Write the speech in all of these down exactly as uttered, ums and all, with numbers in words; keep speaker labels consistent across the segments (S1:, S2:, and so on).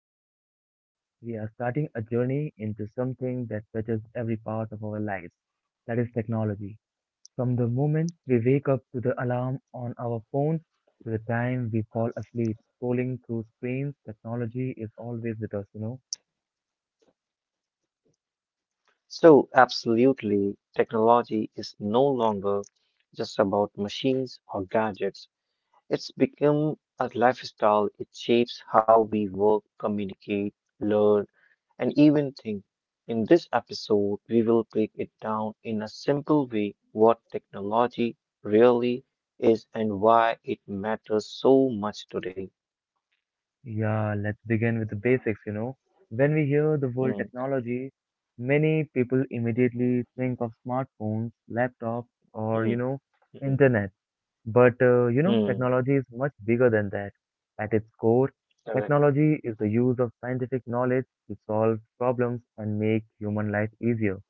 S1: to today's episode. We are starting a journey into something that touches every part of our lives that is, technology. From the moment we wake up to the alarm on our phone to the time we fall asleep scrolling through screens, technology is always with us, you know.
S2: So, absolutely, technology is no longer just about machines or gadgets. It's become a lifestyle. It shapes how we work, communicate, learn, and even think. In this episode, we will break it down in a simple way what technology really is and why it matters so much today.
S1: Yeah, let's begin with the basics, you know. When we hear the word
S2: Hmm,
S1: technology, many people immediately think of smartphones, laptops, or,
S2: hmm,
S1: you know,
S2: hmm,
S1: internet. But uh, you know,
S2: hmm.
S1: technology is much bigger than that. At its core,
S2: Correct.
S1: technology is the use of scientific knowledge to solve problems and make human life easier.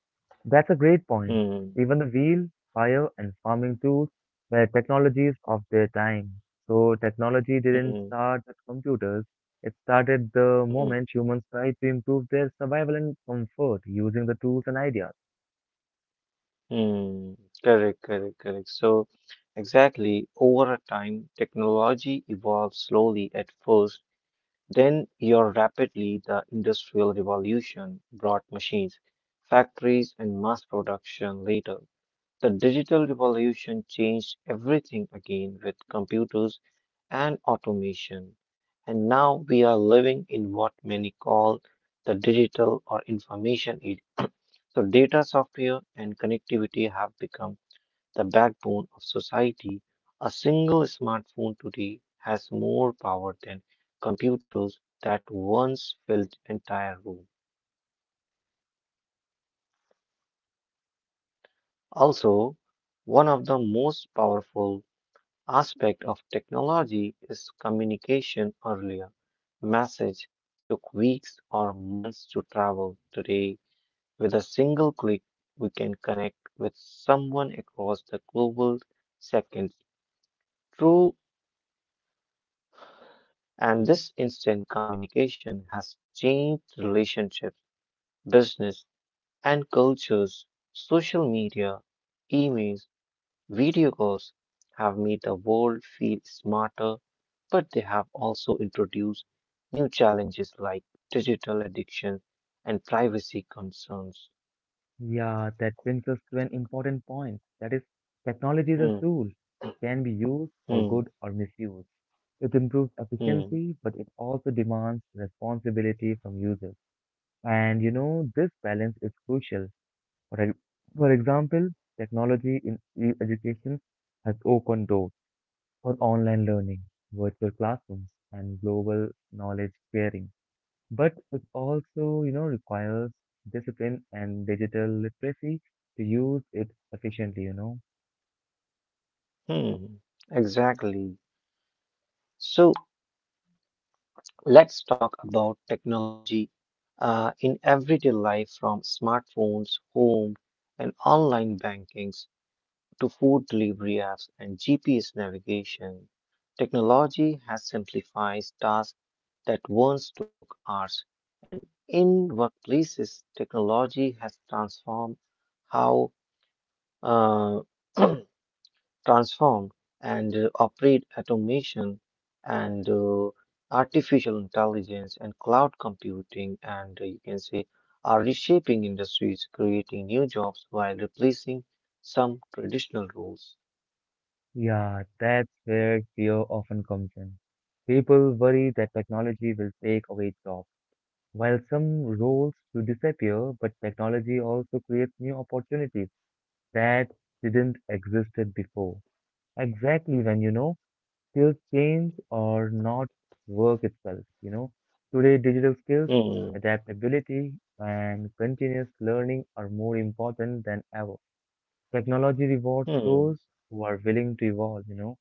S1: That's a great point.
S2: Hmm,
S1: Even the wheel, fire, and farming tools were technologies of their time. So technology
S2: hmm,
S1: didn't
S2: hmm.
S1: start at computers. It started the
S2: Hmm.
S1: moment humans tried to improve their survival and comfort using the tools and ideas.
S2: Hmm. Correct, correct, correct. So, exactly, over a time, technology evolves slowly at first, then you're rapidly the industrial revolution brought machines, factories, and mass production later. The digital revolution changed everything again with computers and automation. And now we are living in what many call the digital or information age. So data, software, and connectivity have become the backbone of society. A single smartphone today has more power than computers that once filled entire room. Also, one of the most powerful aspect of technology is communication earlier. Message took weeks or months to travel. Today, with a single click, we can connect with someone across the global seconds. True. And this instant communication has changed relationships, business, and cultures. Social media, emails, video calls have made the world feel smarter, but they have also introduced new challenges like digital addiction and privacy concerns.
S1: Yeah, that brings us to an important point. That is, technology is a
S2: Hmm,
S1: tool. It can be used for
S2: hmm,
S1: good or misused. It improves
S2: hmm,
S1: efficiency, but it also demands responsibility from users. And you know, this balance is crucial. For, e- for example, technology in e- education has opened doors for online learning, virtual classrooms, and global knowledge sharing. But it also, you know, requires discipline and digital literacy to use it efficiently, you know.
S2: hmm. Exactly. So, let's talk about technology uh, in everyday life from smartphones, home, and online bankings to food delivery apps and G P S navigation. Technology has simplified tasks that once took hours, and in workplaces, technology has transformed how uh, transform and uh, operate automation and uh, artificial intelligence and cloud computing, and uh, you can say are reshaping industries, creating new jobs while replacing some traditional roles.
S1: Yeah, that's where fear often comes in. People worry that technology will take away jobs. While some roles will disappear, but technology also creates new opportunities that didn't existed before. Exactly when you know skills change or not work itself, you know. Today, digital skills,
S2: Hmm,
S1: adaptability, and continuous learning are more important than ever. Technology rewards
S2: hmm,
S1: those who are willing to evolve, you know.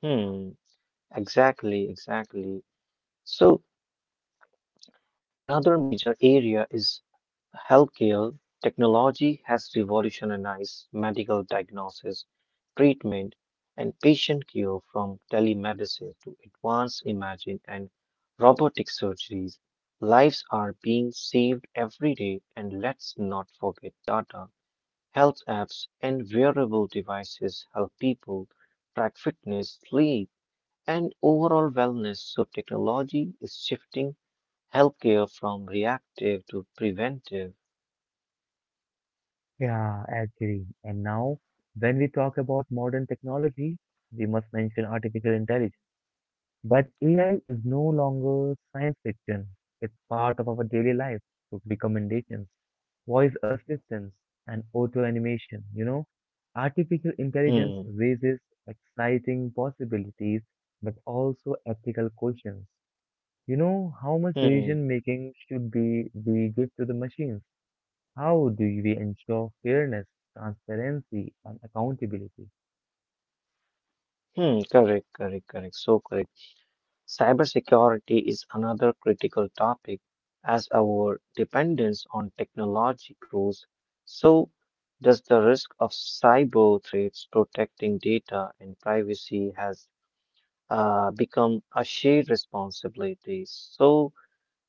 S2: hmm. Exactly, exactly. So, another major area is healthcare. Technology has revolutionized medical diagnosis, treatment, and patient care from telemedicine to advanced imaging and robotic surgeries. Lives are being saved every day, and let's not forget data. Health apps and wearable devices help people track fitness, sleep, and overall wellness. So, technology is shifting healthcare from reactive to preventive.
S1: Yeah, agree. And now, when we talk about modern technology, we must mention artificial intelligence. But A I is no longer science fiction. It's part of our daily life. So recommendations. Voice assistance, and auto animation. You know, artificial intelligence
S2: Hmm,
S1: raises exciting possibilities but also ethical questions. You know, how much
S2: hmm,
S1: decision making should be we give to the machines? How do we ensure fairness, transparency, and accountability?
S2: hmm. Correct, correct, correct. So, correct. Cybersecurity is another critical topic as our dependence on technology grows. So does the risk of cyber threats. Protecting data and privacy has uh, become a shared responsibility. So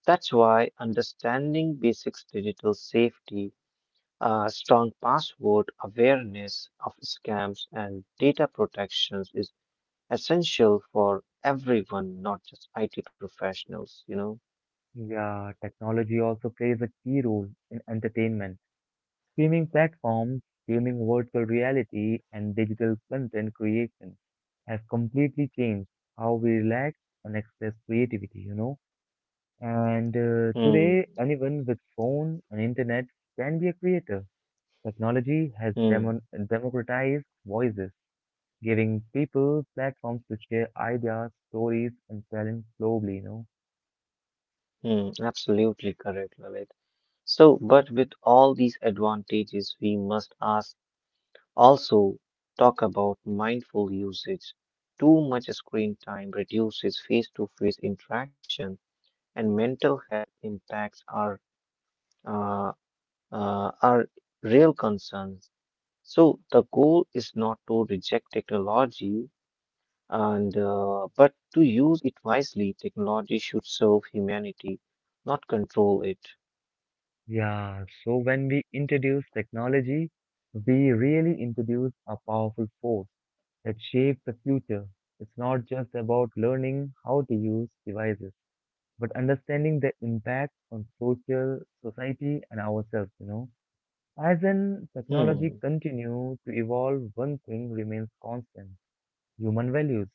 S2: that's why understanding basics digital safety, uh, strong password, awareness of scams and data protections is essential for everyone, not just I T professionals, you know.
S1: Yeah, technology also plays a key role in entertainment. Streaming platforms, gaming virtual reality, and digital content creation have completely changed how we relax and express creativity, you know. And uh,
S2: Hmm,
S1: today, anyone with phone and internet can be a creator. Technology has
S2: hmm,
S1: demon democratized voices, giving people platforms to share ideas, stories, and talent globally, you know.
S2: hmm. Absolutely correct, Lalit. So, but with all these advantages, we must ask, also talk about mindful usage. Too much screen time reduces face-to-face interaction, and mental health impacts are uh, uh, are real concerns. So the goal is not to reject technology, And uh, but to use it wisely. Technology should serve humanity, not control it.
S1: Yeah, so when we introduce technology, we really introduce a powerful force that shape the future. It's not just about learning how to use devices, but understanding the impact on social, society, and ourselves, you know. As in
S2: Hmm,
S1: technology continues to evolve, one thing remains constant. Human values,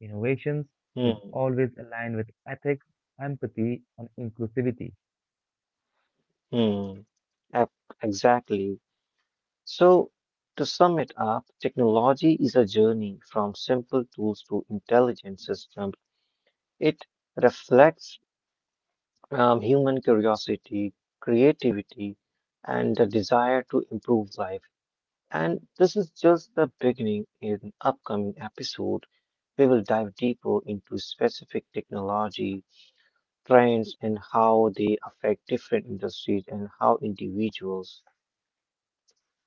S1: innovations should
S2: hmm,
S1: always align with ethics, empathy, and inclusivity.
S2: hmm. Ep- Exactly. So, to sum it up, technology is a journey from simple tools to intelligent systems. It reflects um, human curiosity, creativity, and the desire to improve life. And this is just the beginning. In an upcoming episode, we will dive deeper into specific technology trends and how they affect different industries and how individuals.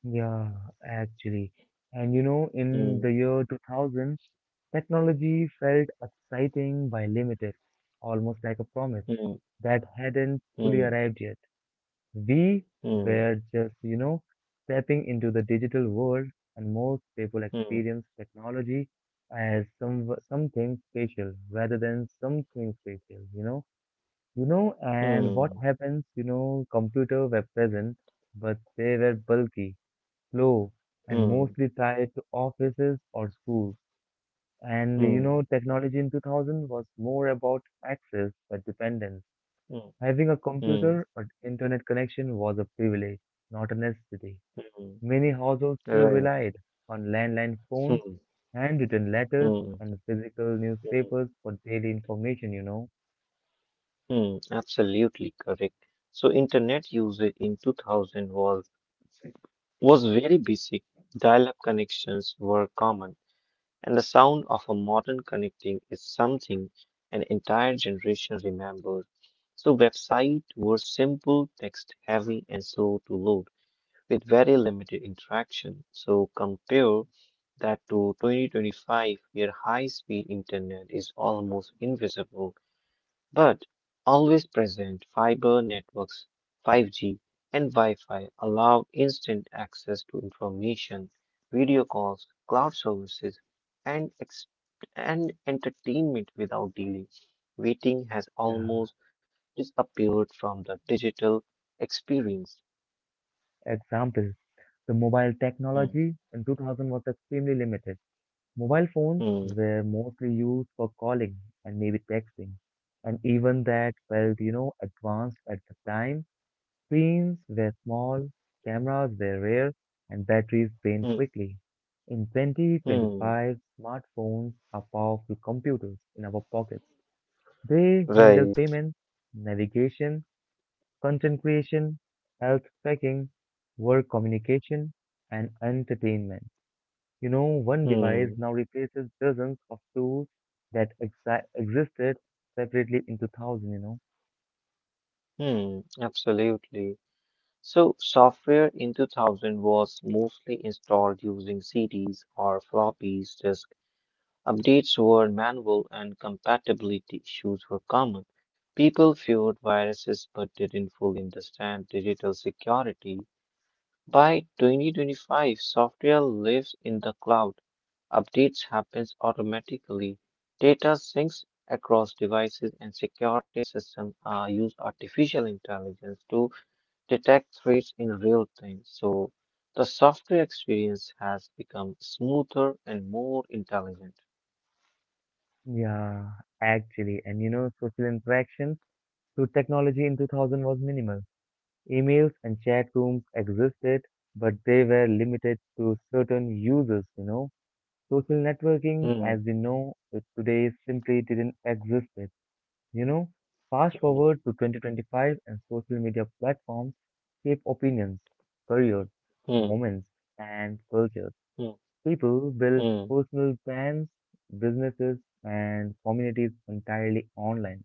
S1: Yeah, actually. And you know, in
S2: Hmm,
S1: the year two thousands, technology felt exciting by limited, almost like a promise
S2: hmm,
S1: that hadn't fully
S2: hmm,
S1: arrived yet. We
S2: hmm,
S1: were just, you know, stepping into the digital world, and most people
S2: hmm,
S1: experience technology as some something special rather than something special, you know. You know, and what
S2: hmm,
S1: happens, you know, computer were present, but they were bulky slow and
S2: hmm,
S1: mostly tied to offices or schools. And you know,
S2: hmm,
S1: technology in two thousand was more about access but dependence.
S2: hmm,
S1: Having a
S2: hmm,
S1: computer or internet connection was a privilege, not a necessity.
S2: hmm.
S1: Many households still
S2: Right.
S1: relied on landline phones,
S2: Hmm,
S1: handwritten letters,
S2: hmm,
S1: and physical
S2: hmm,
S1: newspapers for daily information, you know.
S2: hmm. Absolutely correct. So, internet usage in two thousand was was very basic. Dial up connections were common, and the sound of a modern connecting is something an entire generation remembers. So, websites were simple, text heavy, and slow to load with very limited interaction. So, compare that to twenty twenty-five, where high speed internet is almost invisible but always present. Fiber networks, five G, and Wi Fi allow instant access to information, video calls, cloud services, and, ex- and entertainment without delay. Waiting has
S1: Yeah.
S2: almost disappeared from the digital experience.
S1: Examples: the mobile
S2: Hmm,
S1: technology in two thousand was extremely limited. Mobile phones
S2: hmm,
S1: were mostly used for calling and maybe texting, and even that felt, you know, advanced at the time. Screens were small, cameras were rare, and batteries drained
S2: hmm,
S1: quickly. In
S2: hmm.
S1: twenty twenty-five, smartphones are powerful computers in our pockets. They handle
S2: Right.
S1: payments, navigation, content creation, health tracking, work communication, and entertainment. You know, one device
S2: Hmm,
S1: now replaces dozens of tools that exa existed separately in two thousand, you know.
S2: hmm. Absolutely. So, software in two thousand was mostly installed using C Ds or floppies disk. Updates were manual and compatibility issues were common. People feared viruses but didn't fully understand digital security. By twenty twenty-five, software lives in the cloud. Updates happens automatically. Data syncs across devices, and security systems uh, use artificial intelligence to detect threats in real time. So the software experience has become smoother and more intelligent.
S1: Yeah, actually. And you know, social interaction through technology in two thousand was minimal. Emails and chat rooms existed, but they were limited to certain users, you know. Social networking, as
S2: Hmm,
S1: we know it today, simply didn't exist. You know, fast
S2: hmm,
S1: forward to twenty twenty-five and social media platforms shape opinions, careers,
S2: hmm,
S1: moments, and cultures.
S2: hmm,
S1: People build
S2: hmm,
S1: personal brands, businesses, and communities entirely online,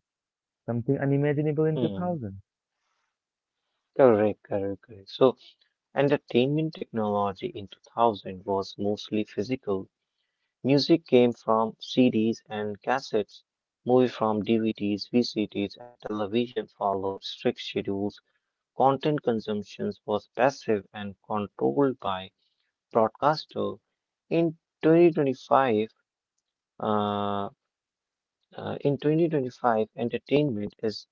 S1: something unimaginable in
S2: hmm.
S1: two thousand.
S2: Correct, correct, correct. So, entertainment technology in two thousand was mostly physical. Music came from C Ds and cassettes, movie from D V Ds, V C Ds, and television followed strict schedules. Content consumption was passive and controlled by broadcaster. In twenty twenty-five, uh, uh, in twenty twenty-five, entertainment is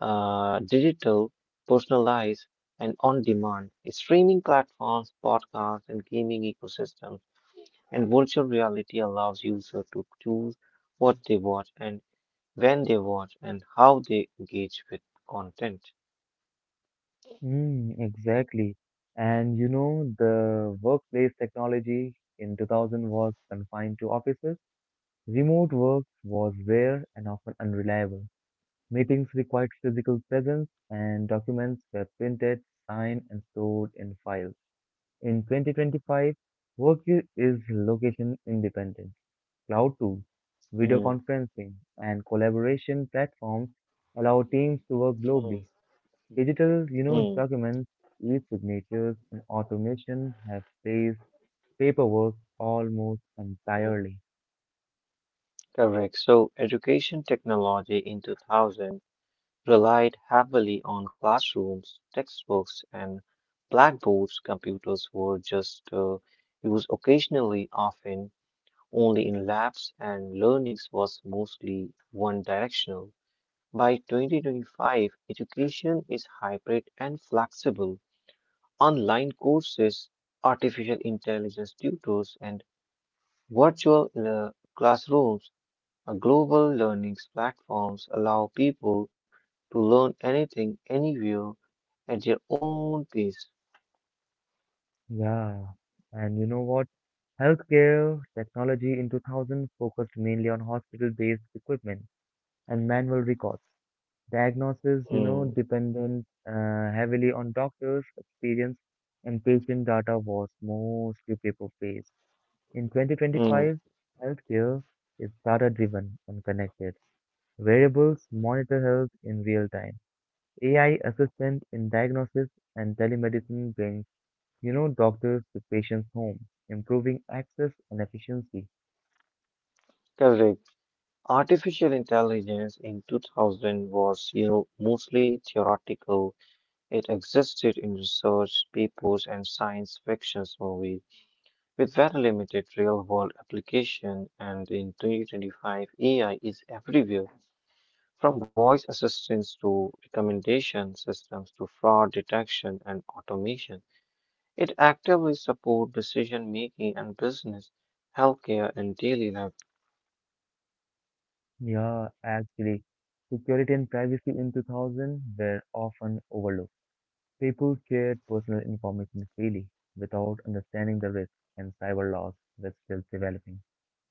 S2: uh, digital, personalized, and on-demand. Streaming platforms, podcasts, and gaming ecosystems, and virtual reality allows users to choose what they watch and when they watch and how they engage with content.
S1: Mm, exactly. And you know, the workplace technology in two thousand was confined to offices. Remote work was rare and often unreliable. Meetings required physical presence, and documents were printed, signed, and stored in files. In twenty twenty-five, work i- is location independent. Cloud tools, video
S2: Mm,
S1: conferencing, and collaboration platforms allow teams to work
S2: mm,
S1: globally. Digital, you know,
S2: mm,
S1: documents, e-signatures, and automation have replaced paperwork almost
S2: mm.
S1: entirely.
S2: Correct. So, education technology in two thousand relied heavily on classrooms, textbooks, and blackboards. Computers were just uh, used occasionally, often only in labs, and learning was mostly one directional. By twenty twenty-five, education is hybrid and flexible. Online courses, artificial intelligence tutors, and virtual uh, classrooms, a global learning platforms allow people to learn anything, anywhere, at their own pace.
S1: Yeah, and you know what? Healthcare technology in two thousand focused mainly on hospital-based equipment and manual records. Diagnosis, you know,
S2: Hmm,
S1: dependent uh, heavily on doctors' experience and patient data was mostly paper-based. In
S2: hmm.
S1: twenty twenty-five, healthcare is data-driven and connected. Variables monitor health in real time. A I assistant in diagnosis and telemedicine brings, you know, doctors to patients' home, improving access and efficiency.
S2: Correct. Artificial intelligence in two thousand was, you know, mostly theoretical. It existed in research papers and science fiction movies, with very limited real-world application. And in twenty twenty-five, A I is everywhere. From voice assistants to recommendation systems to fraud detection and automation, it actively supports decision making and business, healthcare, and daily life.
S1: Yeah, actually, security and privacy in two thousand were often overlooked. People shared personal information freely without understanding the risks, and cyber laws were still developing.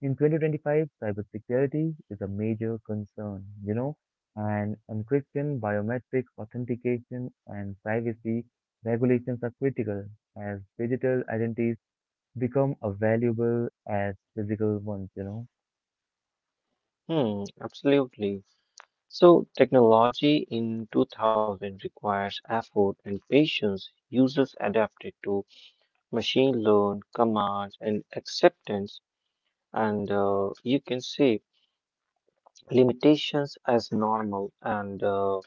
S1: In twenty twenty-five, cybersecurity is a major concern, you know, and encryption, biometric authentication, and privacy regulations are critical as digital identities become as valuable as physical ones, you know.
S2: Hmm. Absolutely. So, technology in two thousand requires effort and patience. Users adapted to machine learn, commands, and acceptance, and uh, you can see limitations as normal, and uh,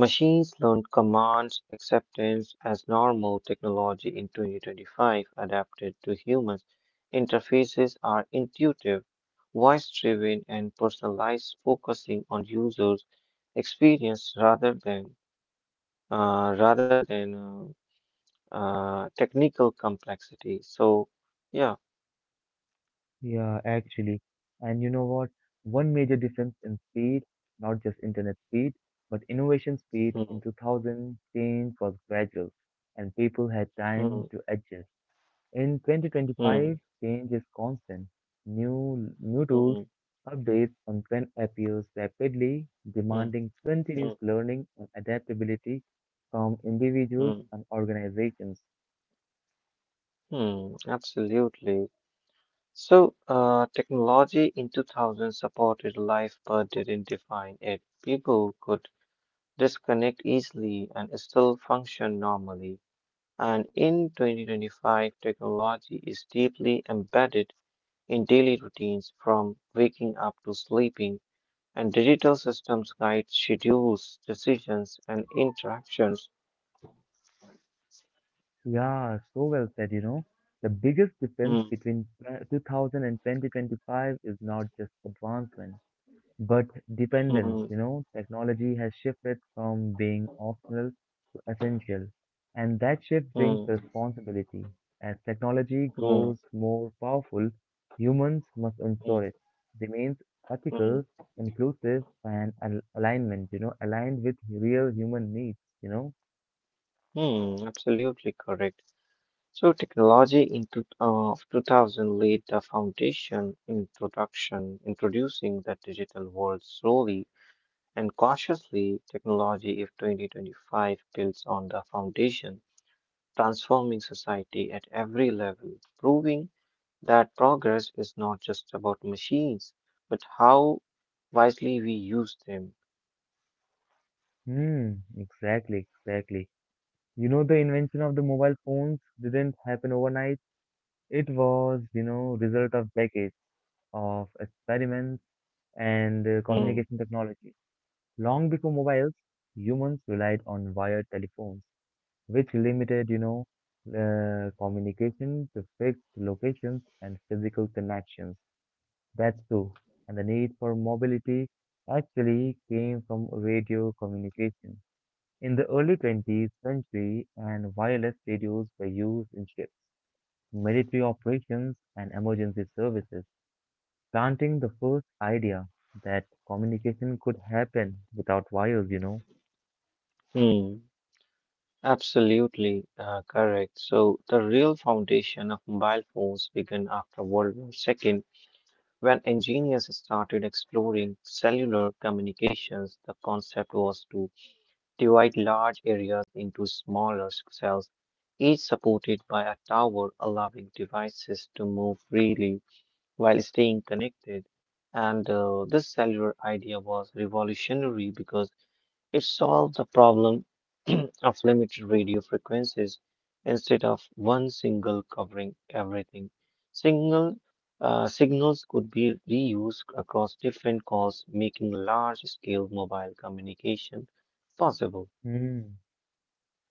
S2: machines learned commands acceptance as normal. Technology in twenty twenty-five adapted to humans. Interfaces are intuitive, voice-driven, and personalized, focusing on users' experience rather than uh, rather than uh, uh, technical complexity. So, yeah.
S1: Yeah, actually. And you know what? One major difference in speed, not just internet speed, but innovation speed in
S2: Hmm,
S1: two thousand, change was gradual and people had
S2: hmm,
S1: time to adjust. In
S2: hmm,
S1: twenty twenty-five, change is constant. New new tools,
S2: hmm,
S1: updates on trend appears rapidly,
S2: hmm,
S1: demanding
S2: hmm,
S1: continuous learning and adaptability from
S2: hmm,
S1: individuals and organizations.
S2: hmm. Absolutely. So, uh, technology in two thousand supported life but didn't define it. People could disconnect easily and still function normally. And in twenty twenty-five, technology is deeply embedded in daily routines from waking up to sleeping, and digital systems guide schedules, decisions, and interactions.
S1: Yeah, so well said, you know. The biggest difference
S2: Mm,
S1: between tw- two thousand and two thousand twenty-five is not just advancement, but dependence,
S2: mm,
S1: you know. Technology has shifted from being optional to essential, and that shift brings
S2: mm,
S1: responsibility. As technology
S2: mm,
S1: grows more powerful, humans must
S2: mm,
S1: ensure it remains
S2: mm,
S1: ethical, inclusive, and al alignment, you know, aligned with real human needs, you know.
S2: mm. Absolutely correct. So technology in two, uh, of two thousand laid the foundation, introduction, introducing the digital world slowly and cautiously. Technology of twenty twenty-five builds on the foundation, transforming society at every level, proving that progress is not just about machines, but how wisely we use them.
S1: Hmm, exactly, exactly. You know, the invention of the mobile phones didn't happen overnight. It was, you know, result of decades of experiments and uh,
S2: Hmm.
S1: communication technology. Long before mobiles, humans relied on wired telephones, which limited, you know, uh, communication to fixed locations and physical connections. That's true. And the need for mobility actually came from radio communication. In the early twentieth century, and wireless radios were used in ships, military operations, and emergency services, planting the first idea that communication could happen without wires, you know.
S2: Hmm. Absolutely uh, correct. So, the real foundation of mobile phones began after World War Two when engineers started exploring cellular communications. The concept was to divide large areas into smaller cells, each supported by a tower, allowing devices to move freely while staying connected. And uh, this cellular idea was revolutionary because it solved the problem of limited radio frequencies instead of one single covering everything. Single uh, signals could be reused across different calls, making large-scale mobile communication possible.
S1: Mm,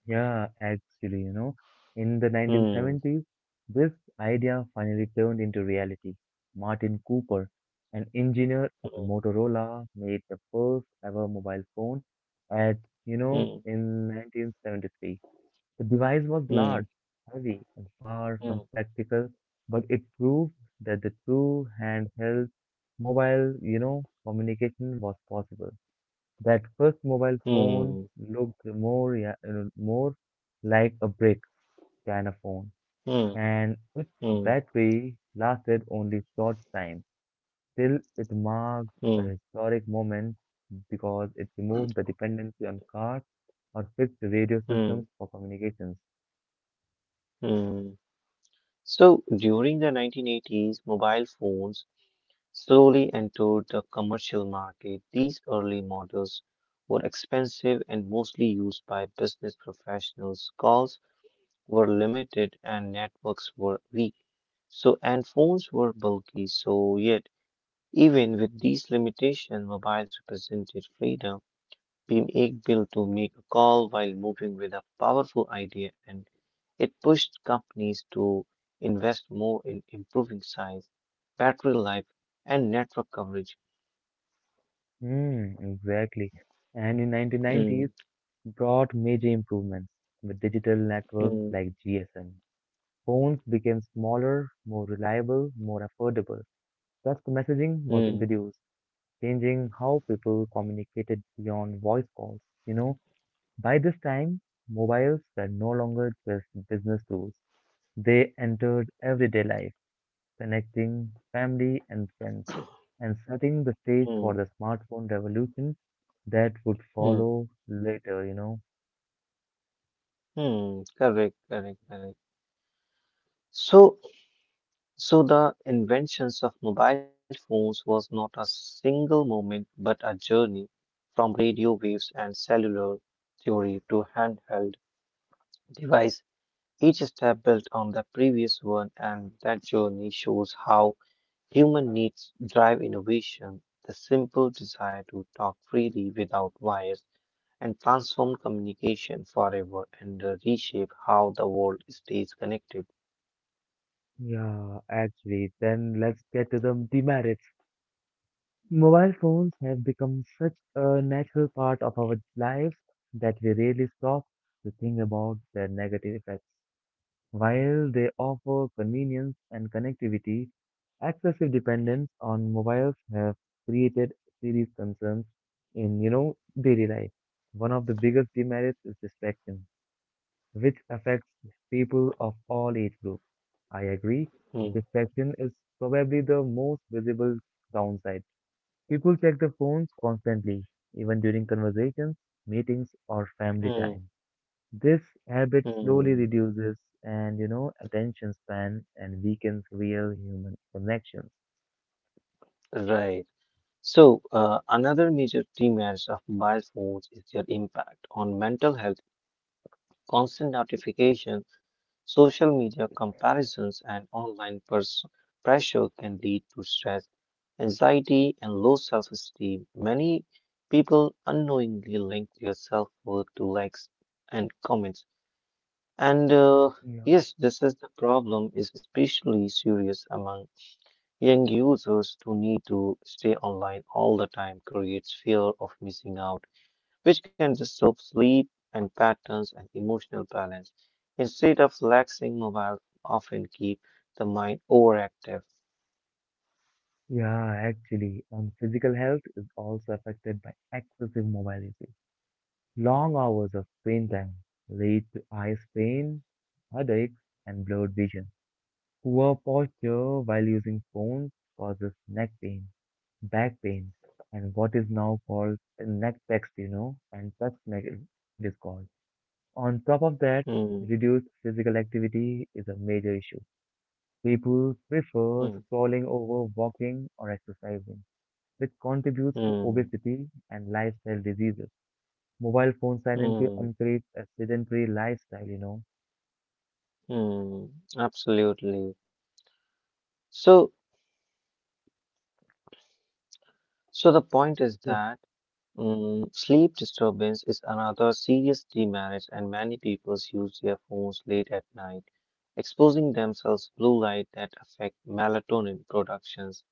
S1: yeah, actually, you know, in the
S2: Hmm.
S1: nineteen seventies, this idea finally turned into reality. Martin Cooper, an engineer at
S2: Hmm.
S1: Motorola, made the first ever mobile phone at, you know,
S2: Hmm.
S1: in nineteen seventy-three. The device was
S2: Hmm.
S1: large, heavy, and far from practical, but it proved that the true handheld mobile, you know, communication was possible. That first mobile phone
S2: Hmm.
S1: looked more, rea- uh, more like a brick than a phone,
S2: Hmm.
S1: and its
S2: Hmm.
S1: battery lasted only short time. Still, it
S2: Hmm.
S1: marked a historic moment because it removed the dependency on cars or fixed radio
S2: Hmm. Hmm.
S1: systems for communications.
S2: Hmm. So during the nineteen eighties, mobile phones slowly entered the commercial market. These early models were expensive and mostly used by business professionals. Calls were limited and networks were weak. So, and phones were bulky. So, yet, even with these limitations, mobiles represented freedom. Being able to make a call while moving with a powerful idea, and it pushed companies to invest more in improving size, battery life, and network coverage.
S1: Mm, exactly. And in
S2: Mm,
S1: nineteen nineties brought major improvements with digital networks
S2: mm,
S1: like G S M. Phones became smaller, more reliable, more affordable. Text messaging was
S2: mm,
S1: introduced, changing how people communicated beyond voice calls. You know, by this time, mobiles were no longer just business tools. They entered everyday life connecting family and friends, and setting the stage
S2: mm,
S1: for the smartphone revolution that would
S2: mm,
S1: follow later, you know.
S2: mm. Correct, correct, correct. So, so the inventions of mobile phones was not a single moment, but a journey from radio waves and cellular theory to handheld device. Each step built on the previous one, and that journey shows how human needs drive innovation, the simple desire to talk freely without wires and transform communication forever, and uh, reshape how the world stays connected.
S1: Yeah, actually, then let's get to the demerits. Mobile phones have become such a natural part of our lives that we rarely stop to think about their negative effects. While they offer convenience and connectivity, excessive dependence on mobiles have created serious concerns in, you know, daily life. One of the biggest demerits is distraction, which affects people of all age groups. I agree, and
S2: Hmm,
S1: distraction is probably the most visible downside. People check their phones constantly, even during conversations, meetings, or family
S2: hmm,
S1: time. This habit slowly
S2: hmm.
S1: reduces and you know attention span and weakens real human connections.
S2: Right. So, uh, another major demands of mobile phones is their impact on mental health. Constant notification, social media comparisons, and online pers- pressure can lead to stress, anxiety, and low self esteem. Many people unknowingly link their self worth to likes and comments. And uh,
S1: Yeah.
S2: yes, this is the problem is especially serious among young users who need to stay online all the time, creates fear of missing out, which can disturb sleep and patterns and emotional balance. Instead of relaxing, mobile often keep the mind overactive.
S1: Yeah, actually, and physical health is also affected by excessive mobility. Long hours of screen time lead to eye strain, headaches, and blurred vision. Poor posture while using phones causes neck pain, back pain, and what is now called neck text, you know, and text neck discord. On top of that,
S2: Hmm,
S1: reduced physical activity is a major issue. People prefer
S2: hmm,
S1: scrolling over walking or exercising, which contributes to
S2: hmm,
S1: obesity and lifestyle diseases. Mobile phones silently
S2: hmm,
S1: encourage a sedentary lifestyle, you know.
S2: hmm. Absolutely. So, so the point is
S1: So,
S2: that. Mm, sleep disturbance is another serious demerit, and many people use their phones late at night, exposing themselves to blue light that affect melatonin productions,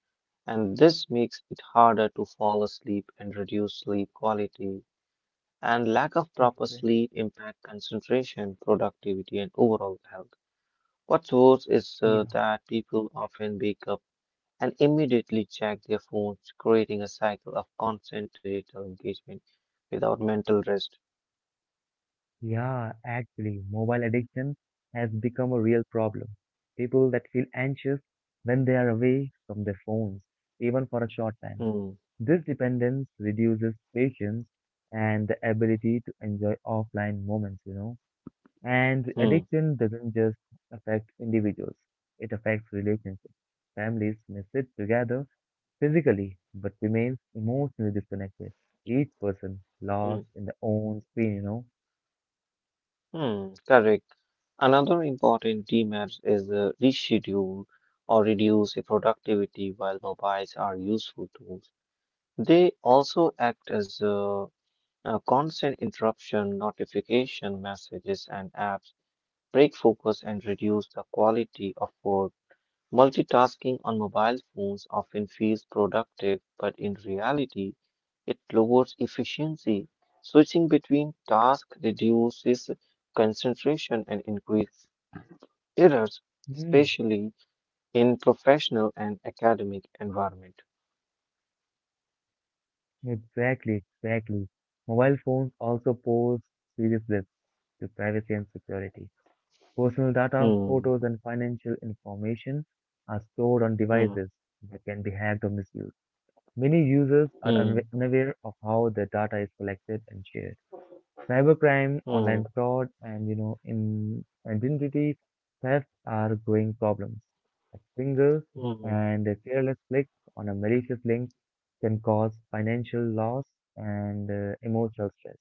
S2: and this makes it harder to fall asleep and reduce sleep quality. And lack of proper sleep impact concentration, productivity, and overall health. What's worse is uh,
S1: yeah,
S2: that people often wake up and immediately check their phones, creating a cycle of constant digital engagement without mental rest.
S1: yeah, actually, mobile addiction has become a real problem. People that feel anxious when they are away from their phones, even for a short time.
S2: Hmm,
S1: This dependence reduces patience and the ability to enjoy offline moments, you know. And
S2: hmm,
S1: addiction doesn't just affect individuals, it affects relationships. Families may sit together physically but remains emotionally disconnected. Each person
S2: hmm,
S1: lost in their own screen, you know.
S2: hmm. Correct. Another important demerit is the reschedule or reduce the productivity while mobiles are useful tools. They also act as a, a constant interruption, notification messages, and apps break focus and reduce the quality of work. Multitasking on mobile phones often feels productive, but in reality, it lowers efficiency. Switching between tasks reduces concentration and increases errors,
S1: Mm,
S2: especially in professional and academic environment.
S1: exactly, exactly. Mobile phones also pose serious risks to privacy and security. Personal data,
S2: Hmm,
S1: photos, and financial information are stored on
S2: hmm,
S1: devices that can be hacked or misused. Many users are
S2: hmm,
S1: unwa- unaware of how their data is collected and shared. Cybercrime,
S2: hmm,
S1: online fraud, and you know, in identity theft are growing problems. A single
S2: hmm.
S1: and a careless click on a malicious link can cause financial loss and uh, emotional stress.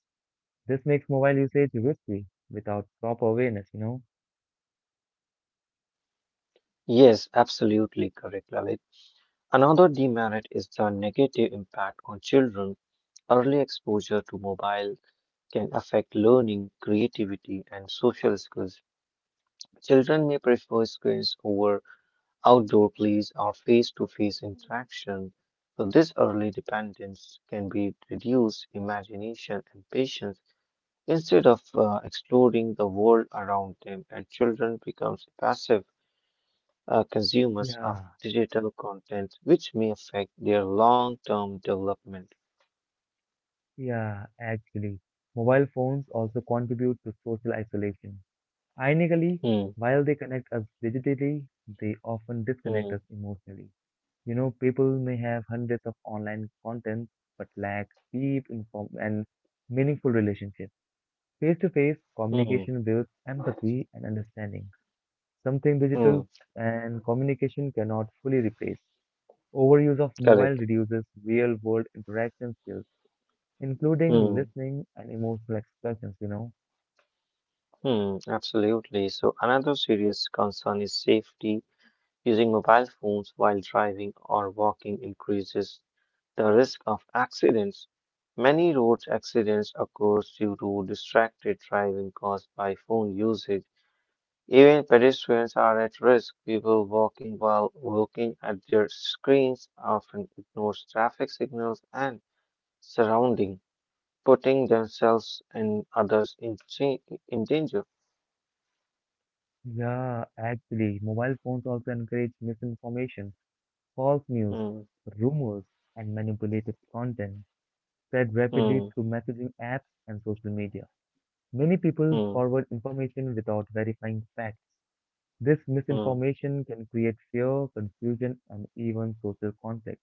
S1: This makes mobile usage risky without proper awareness, you know.
S2: Yes, absolutely correct, Lalit. Another demerit is the negative impact on children. Early exposure to mobile can affect learning, creativity, and social skills. Children may prefer screens over outdoor plays or face to face interaction. So, this early dependence can be reduced imagination and patience instead of uh, exploring the world around them, and children become passive uh, consumers of
S1: Yeah.
S2: digital content, which may affect their long term development.
S1: Yeah, actually, mobile phones also contribute to social isolation. Ironically,
S2: Hmm,
S1: while they connect us digitally, they often disconnect
S2: hmm,
S1: us emotionally. You know, people may have hundreds of online contents but lack deep inform and meaningful relationships. Face-to-face
S2: hmm,
S1: communication builds empathy and understanding, something
S2: hmm,
S1: digital and communication cannot fully replace. Overuse of mobile
S2: correct.
S1: reduces real-world interaction skills including
S2: Hmm.
S1: listening and emotional expressions, you know.
S2: Hmm, absolutely. So another serious concern is safety. Using mobile phones while driving or walking increases the risk of accidents. Many road accidents occur due to distracted driving caused by phone usage. Even pedestrians are at risk. People walking while looking at their screens often ignore traffic signals and surrounding, putting themselves and others in, cha- in danger.
S1: Yeah, actually, mobile phones also encourage misinformation, false news,
S2: Hmm,
S1: rumors, and manipulative content spread rapidly
S2: hmm.
S1: through messaging apps and social media. Many people
S2: Hmm.
S1: forward information without verifying facts. This
S2: Hmm.
S1: misinformation can create fear, confusion, and even social conflict.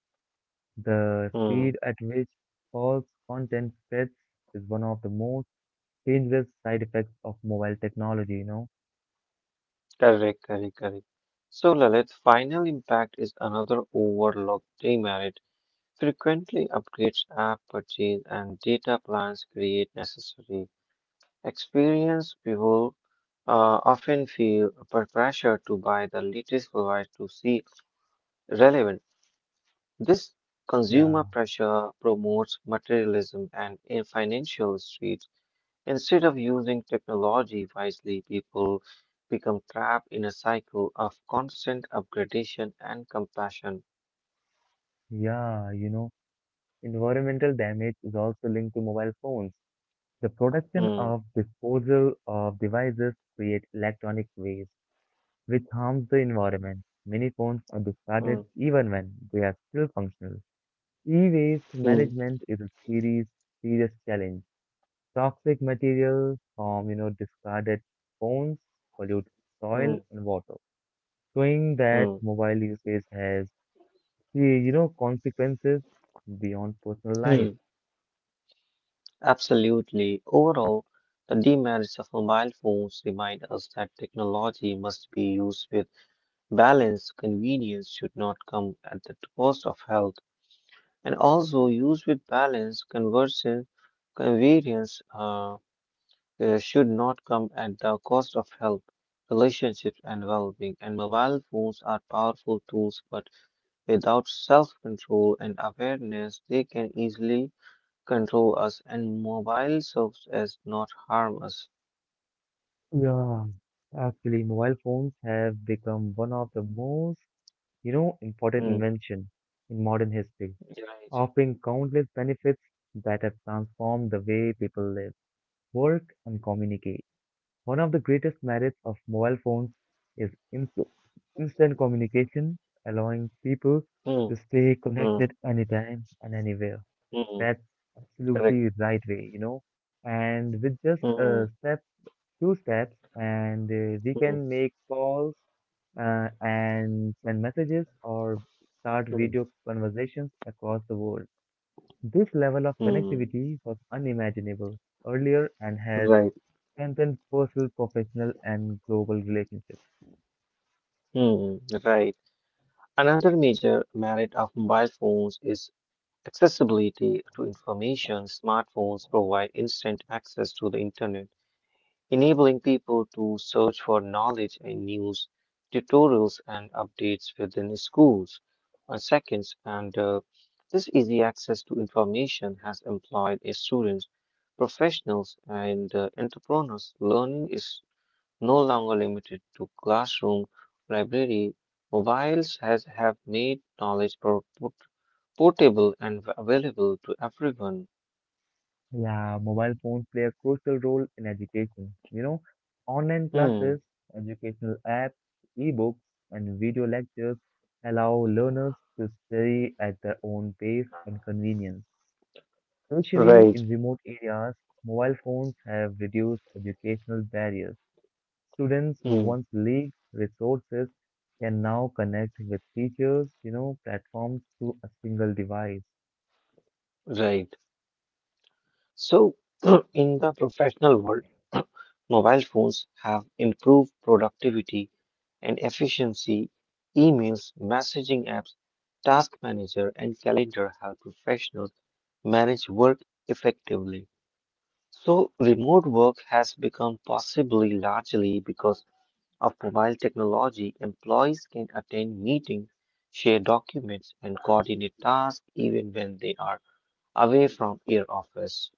S1: The
S2: Hmm.
S1: speed at which false content spreads is one of the most dangerous side effects of mobile technology, you know.
S2: Correct, correct, correct. So, Lalit, final impact is another overlooked demerit. Frequently, upgrades, app purchase, and data plans create necessary experience. People uh, often feel per- pressure to buy the latest device to see relevant. This consumer
S1: Yeah,
S2: pressure promotes materialism and in financial streets. Instead of using technology wisely, people become trapped in a cycle of constant upgradation and compassion.
S1: yeah, you know, environmental damage is also linked to mobile phones. The production
S2: Hmm,
S1: of disposal of devices create electronic waste, which harms the environment. Many phones are
S2: hmm,
S1: discarded even when they are still functional. E-waste
S2: Hmm.
S1: management is a serious, serious challenge. Toxic materials from, you know, discarded phones pollute
S2: Hmm,
S1: soil and water, showing
S2: hmm.
S1: that mobile usage has see, you know, consequences beyond personal
S2: Hmm.
S1: life.
S2: Absolutely. Overall, the demerits of mobile phones remind us that technology must be used with balance. Convenience should not come at the cost of health. And also, used with balance, conversion, convenience. Uh, uh, should not come at the cost of health, relationships, and well being. And mobile phones are powerful tools, but without self control and awareness, they can easily control us, and mobile serves as not harm us.
S1: Yeah. Actually, mobile phones have become one of the most, you know, important
S2: Hmm.
S1: invention in modern history,
S2: Right.
S1: offering countless benefits that have transformed the way people live, work, and communicate. One of the greatest merits of mobile phones is inst- instant communication, allowing people to
S2: Hmm.
S1: stay connected
S2: Hmm.
S1: anytime and anywhere.
S2: Hmm.
S1: That's
S2: Correct.
S1: absolutely right way, you know. And with just
S2: Hmm.
S1: uh, steps, two steps, and uh, we
S2: Hmm.
S1: can make calls uh, and send messages or start
S2: Hmm.
S1: video conversations across the world. This level of
S2: Hmm. Hmm,
S1: connectivity was unimaginable earlier and has
S2: right.
S1: strengthened personal, professional, and global relationships.
S2: Hmm. Right. Another major merit of mobile phones is accessibility to information, smartphones provide instant access to the internet, enabling people to search for knowledge and news, tutorials, and updates within schools or seconds. And uh, This easy access to information has employed uh, students, professionals, and uh, entrepreneurs. Learning is no longer limited to classroom, library. Mobiles has have made knowledge pro- portable and available to everyone.
S1: Yeah, mobile phones play a crucial role in education. You know, online
S2: Hmm,
S1: classes, educational apps, ebooks, and video lectures allow learners to study at their own pace and convenience. Especially
S2: right.
S1: in remote areas, mobile phones have reduced educational barriers. Students who
S2: Hmm,
S1: once lacked resources can now connect with teachers, you know, platforms through a single device.
S2: right. So, in the professional world, mobile phones have improved productivity and efficiency. Emails, messaging apps, task manager, and calendar help professionals manage work effectively. So, remote work has become possibly largely because of mobile technology, employees can attend meetings, share documents, and coordinate tasks even when they are away from your office.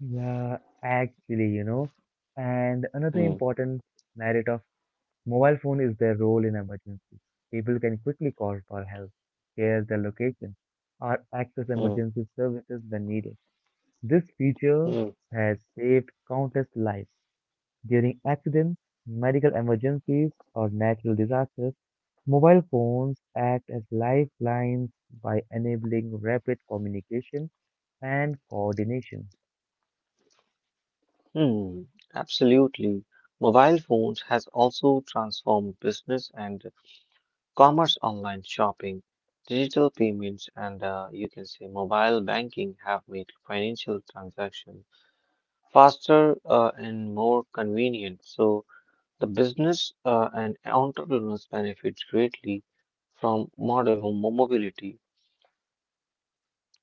S1: Yeah, actually, you know, and another
S2: Hmm,
S1: important merit of mobile phone is their role in emergencies. People can quickly call for help, share their location, or access
S2: hmm,
S1: emergency services when needed. This feature
S2: hmm,
S1: has saved countless lives. During accidents, medical emergencies, or natural disasters, mobile phones act as lifelines by enabling rapid communication and coordination.
S2: hmm. Absolutely. Mobile phones has also transformed business and commerce online shopping. Digital payments and uh, you can say mobile banking have made financial transactions faster uh, and more convenient. So the business uh, and entrepreneurs benefit greatly from modern mobility.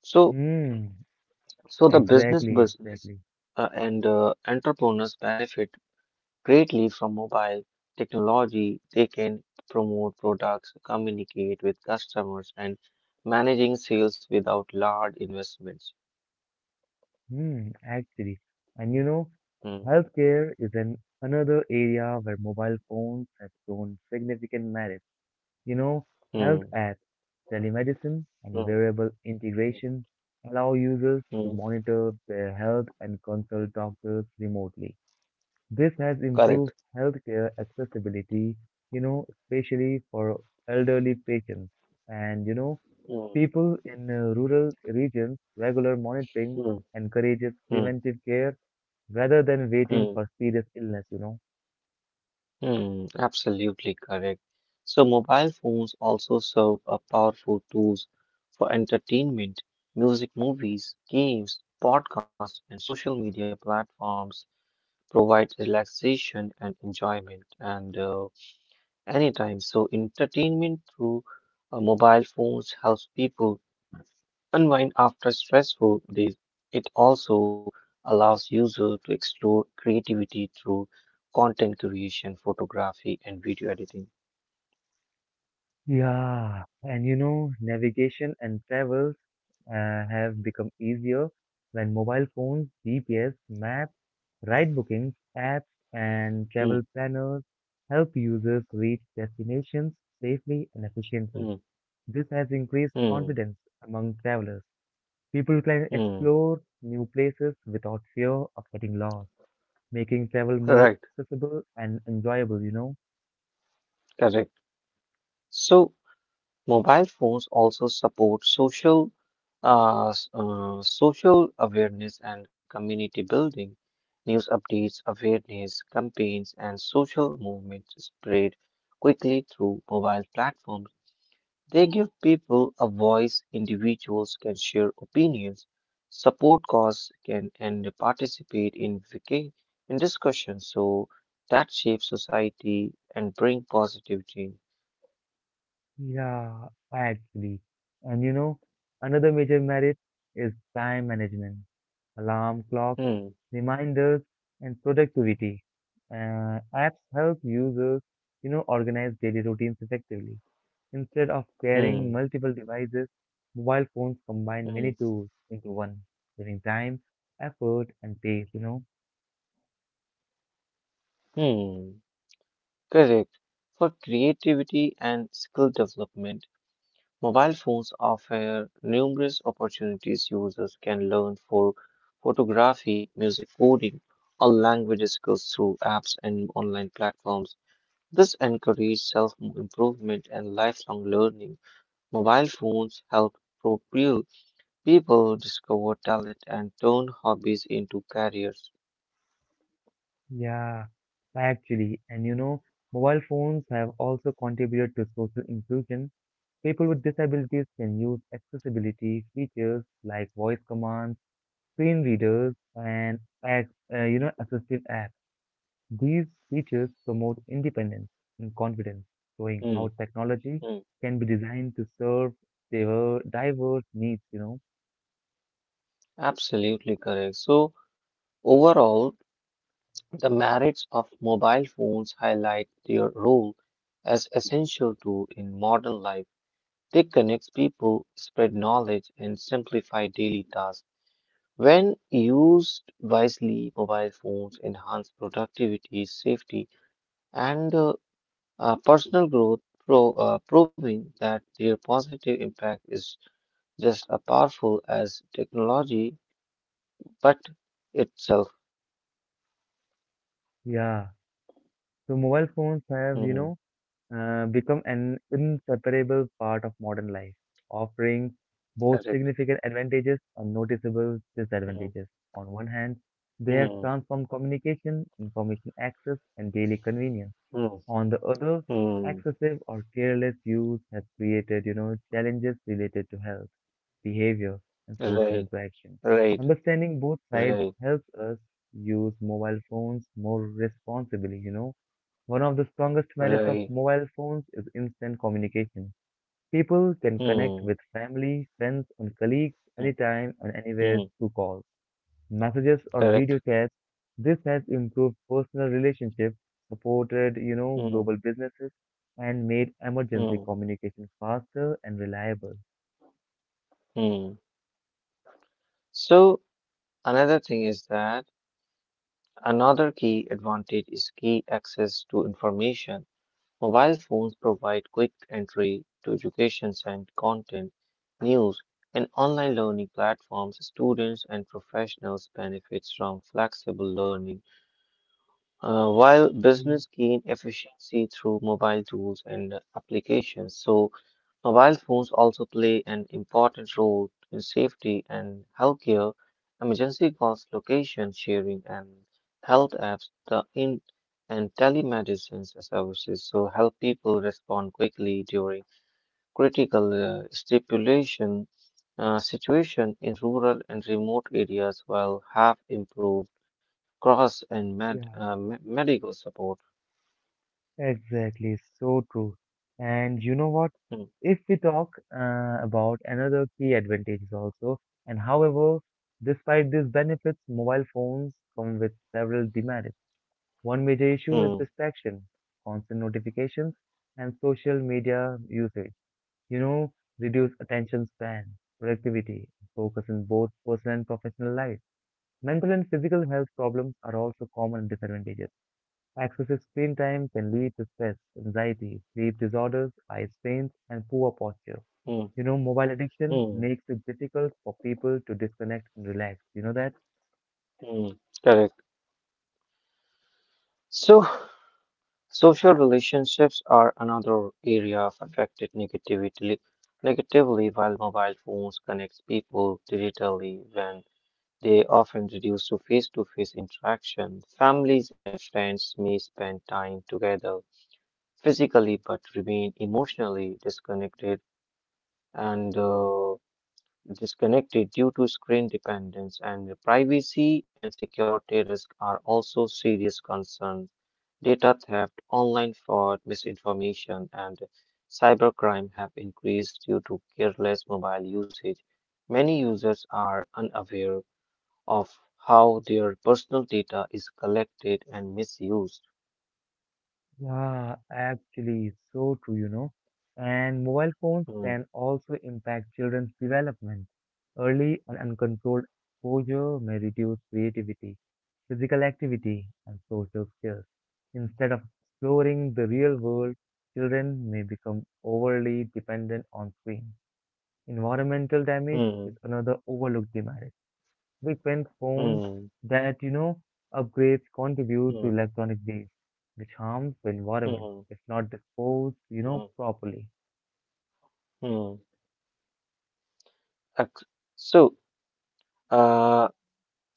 S2: So,
S1: Hmm.
S2: so the business
S1: Exactly,
S2: business
S1: exactly.
S2: uh, and uh, entrepreneurs benefit greatly from mobile technology. They can promote products, communicate with customers, and managing sales without large investments.
S1: Hmm, actually. And you know,
S2: Hmm.
S1: healthcare is an another area where mobile phones have shown significant merit. You know, Health
S2: Hmm.
S1: apps, telemedicine, and
S2: Hmm.
S1: wearable
S2: Hmm.
S1: integration allow users to
S2: Hmm.
S1: monitor their health and consult doctors remotely. This has improved
S2: Correct.
S1: healthcare accessibility, you know, especially for elderly patients. And you know,
S2: Hmm.
S1: people in uh, rural regions, regular monitoring
S2: Hmm.
S1: encourages
S2: Hmm.
S1: preventive care rather than waiting
S2: Hmm.
S1: for serious illness, you know.
S2: Hmm, absolutely correct. So mobile phones also serve a powerful tools for entertainment, music, movies, games, podcasts, and social media platforms provide relaxation and enjoyment and uh, anytime. So entertainment through uh, mobile phones helps people unwind after stressful days. It also allows users to explore creativity through content creation, photography, and video editing.
S1: Yeah, and you know, navigation and travels uh, have become easier when mobile phones, G P S, maps, ride bookings, apps, and
S2: Mm,
S1: travel planners help users reach destinations safely and
S2: mm,
S1: efficiently. This has increased
S2: mm,
S1: confidence among travelers. People can
S2: mm.
S1: explore new places without fear of getting lost, making travel more
S2: Right,
S1: accessible and enjoyable, you know?
S2: correct. So mobile phones also support social, uh, s- uh, social awareness and community building. News updates, awareness campaigns, and social movements spread quickly through mobile platforms. They give people a voice, individuals can share opinions, support cause can and participate in vic- in discussions. So that shapes society and bring positivity.
S1: Yeah, actually. And you know, another major merit is time management. Alarm clocks
S2: Hmm,
S1: reminders, and productivity Uh, apps help users, you know, organize daily routines effectively. Instead of carrying
S2: hmm,
S1: multiple devices, mobile phones combine many
S2: hmm,
S1: tools into one, saving time, effort, and pace, you know.
S2: hmm. Correct. For creativity and skill development, mobile phones offer numerous opportunities users can learn for photography, music coding, or language skills through apps and online platforms. This encourages self-improvement and lifelong learning. Mobile phones help propel people discover talent and turn hobbies into careers.
S1: Yeah, actually, and you know, mobile phones have also contributed to social inclusion. People with disabilities can use accessibility features like voice commands, screen readers, and ac- uh, you know, assistive apps. These features promote independence and confidence, showing
S2: Hmm,
S1: how technology
S2: hmm,
S1: can be designed to serve diver- diverse needs, you know.
S2: absolutely correct. So overall, the merits of mobile phones highlight their role as essential tool in modern life. They connect people, spread knowledge, and simplify daily tasks. When used wisely, mobile phones enhance productivity, safety, and uh, uh, personal growth, pro- uh, proving that their positive impact is just as powerful as technology, but itself.
S1: Yeah. So mobile phones have, you
S2: Hmm,
S1: know, uh, become an inseparable part of modern life, offering both
S2: correct.
S1: significant advantages and noticeable
S2: Hmm,
S1: disadvantages. On one hand, they have
S2: hmm,
S1: transformed communication, information access, and daily convenience.
S2: hmm,
S1: On the other,
S2: hmm.
S1: excessive or careless use has created, you know, challenges related to health, behavior, and social
S2: Right,
S1: interaction.
S2: right,
S1: Understanding both sides
S2: right,
S1: helps us use mobile phones more responsibly, you know. One of the strongest merits of
S2: right.
S1: mobile phones is instant communication. People can connect
S2: Hmm,
S1: with family, friends, and colleagues
S2: hmm,
S1: anytime and anywhere
S2: hmm.
S1: through calls, messages or video
S2: Correct.
S1: chats. This has improved personal relationships, supported, you know,
S2: Hmm,
S1: global businesses, and made emergency
S2: hmm,
S1: communication faster and reliable.
S2: hmm. So another thing is that another key advantage is key access to information. Mobile phones provide quick entry to education and content, news, and online learning platforms. Students and professionals benefits from flexible learning, uh, while
S1: Yeah,
S2: business gain efficiency through mobile tools and applications. So mobile phones also play an important role in safety and healthcare. Emergency calls, location sharing, and health apps, the in and telemedicine services so help people respond quickly during critical uh, stipulation uh, situation in rural and remote areas, while have improved cross and med,
S1: yeah,
S2: uh, me- medical support.
S1: exactly, so true. And you know what?
S2: Hmm,
S1: If we talk uh, about another key advantages also, and however, despite these benefits, mobile phones come with several demerits. One major issue is
S2: hmm,
S1: distraction, constant notifications, and social media usage, you know, reduce attention span, productivity, and focus in both personal and professional life. Mental and physical health problems are also common disadvantages. Excessive screen time can lead to stress, anxiety, sleep disorders, eye strains, and poor posture.
S2: hmm,
S1: You know, mobile addiction
S2: hmm,
S1: makes it difficult for people to disconnect and relax. You know that?
S2: hmm. Correct. So. Social relationships are another area of affected negatively, negatively while mobile phones connect people digitally when they often reduce to face-to-face interaction. Families and friends may spend time together physically but remain emotionally disconnected and uh, disconnected due to screen dependence and privacy and security risk are also serious concerns. Data theft, online fraud, misinformation, and cybercrime have increased due to careless mobile usage. Many users are unaware of how their personal data is collected and misused.
S1: Yeah, actually, so true, you know. And mobile phones
S2: Hmm,
S1: can also impact children's development. Early and uncontrolled exposure may reduce creativity, physical activity, and social skills. Instead of exploring the real world, children may become overly dependent on screens. Environmental damage is
S2: hmm,
S1: another overlooked demand. Frequent phones
S2: hmm,
S1: that, you know, upgrades contribute to
S2: hmm,
S1: electronic waste, which harms the environment
S2: hmm,
S1: if not disposed, you know,
S2: hmm,
S1: properly.
S2: hmm. Ex- So, uh,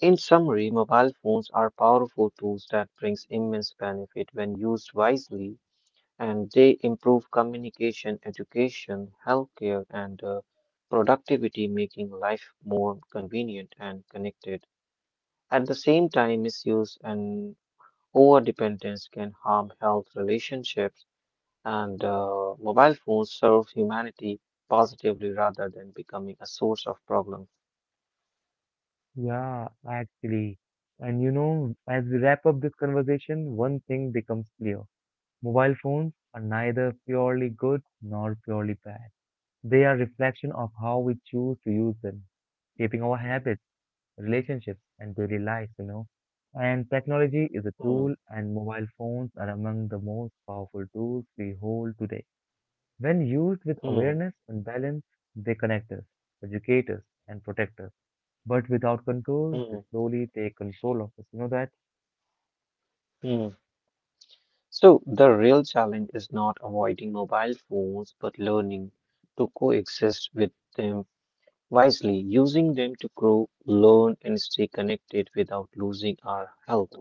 S2: in summary, mobile phones are powerful tools that brings immense benefit when used wisely. And they improve communication, education, healthcare, and uh, productivity, making life more convenient and connected. At the same time, misuse and overdependence can harm health relationships, and uh, mobile phones serve humanity positively rather than becoming a source of problems.
S1: Yeah, actually. And you know, as we wrap up this conversation, one thing becomes clear. Mobile phones are neither purely good nor purely bad. They are reflection of how we choose to use them, shaping our habits, relationships, and daily lives, you know. And technology is a
S2: Hmm,
S1: tool, and mobile phones are among the most powerful tools we hold today. When used with
S2: hmm,
S1: awareness and balance, they connect us, educate us, and protect us. But without control, they
S2: hmm,
S1: slowly take control of us. You know that?
S2: hmm. So, the real challenge is not avoiding mobile phones but learning to coexist with them wisely, using them to grow, learn, and stay connected without losing our health.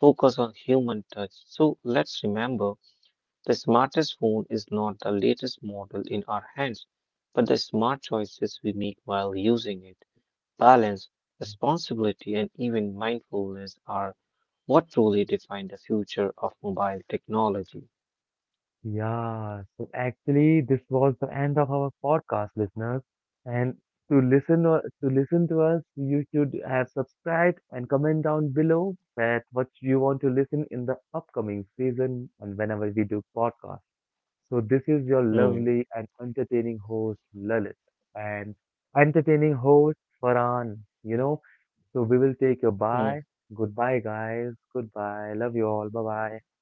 S2: Focus on human touch. So let's remember the smartest phone is not the latest model in our hands, but the smart choices we make while using it. Balance, responsibility, and even mindfulness are what truly define the future of mobile technology.
S1: Yeah, so actually, this was the end of our podcast, listeners. And to listen or to listen to us, you should have subscribed and comment down below that what you want to listen in the upcoming season and whenever we do podcast. So this is your
S2: Hmm.
S1: lovely and entertaining host Lalit and entertaining host Farhan. You know, so we will take your
S2: Hmm.
S1: bye. Goodbye, guys. Goodbye. Love you all. Bye bye.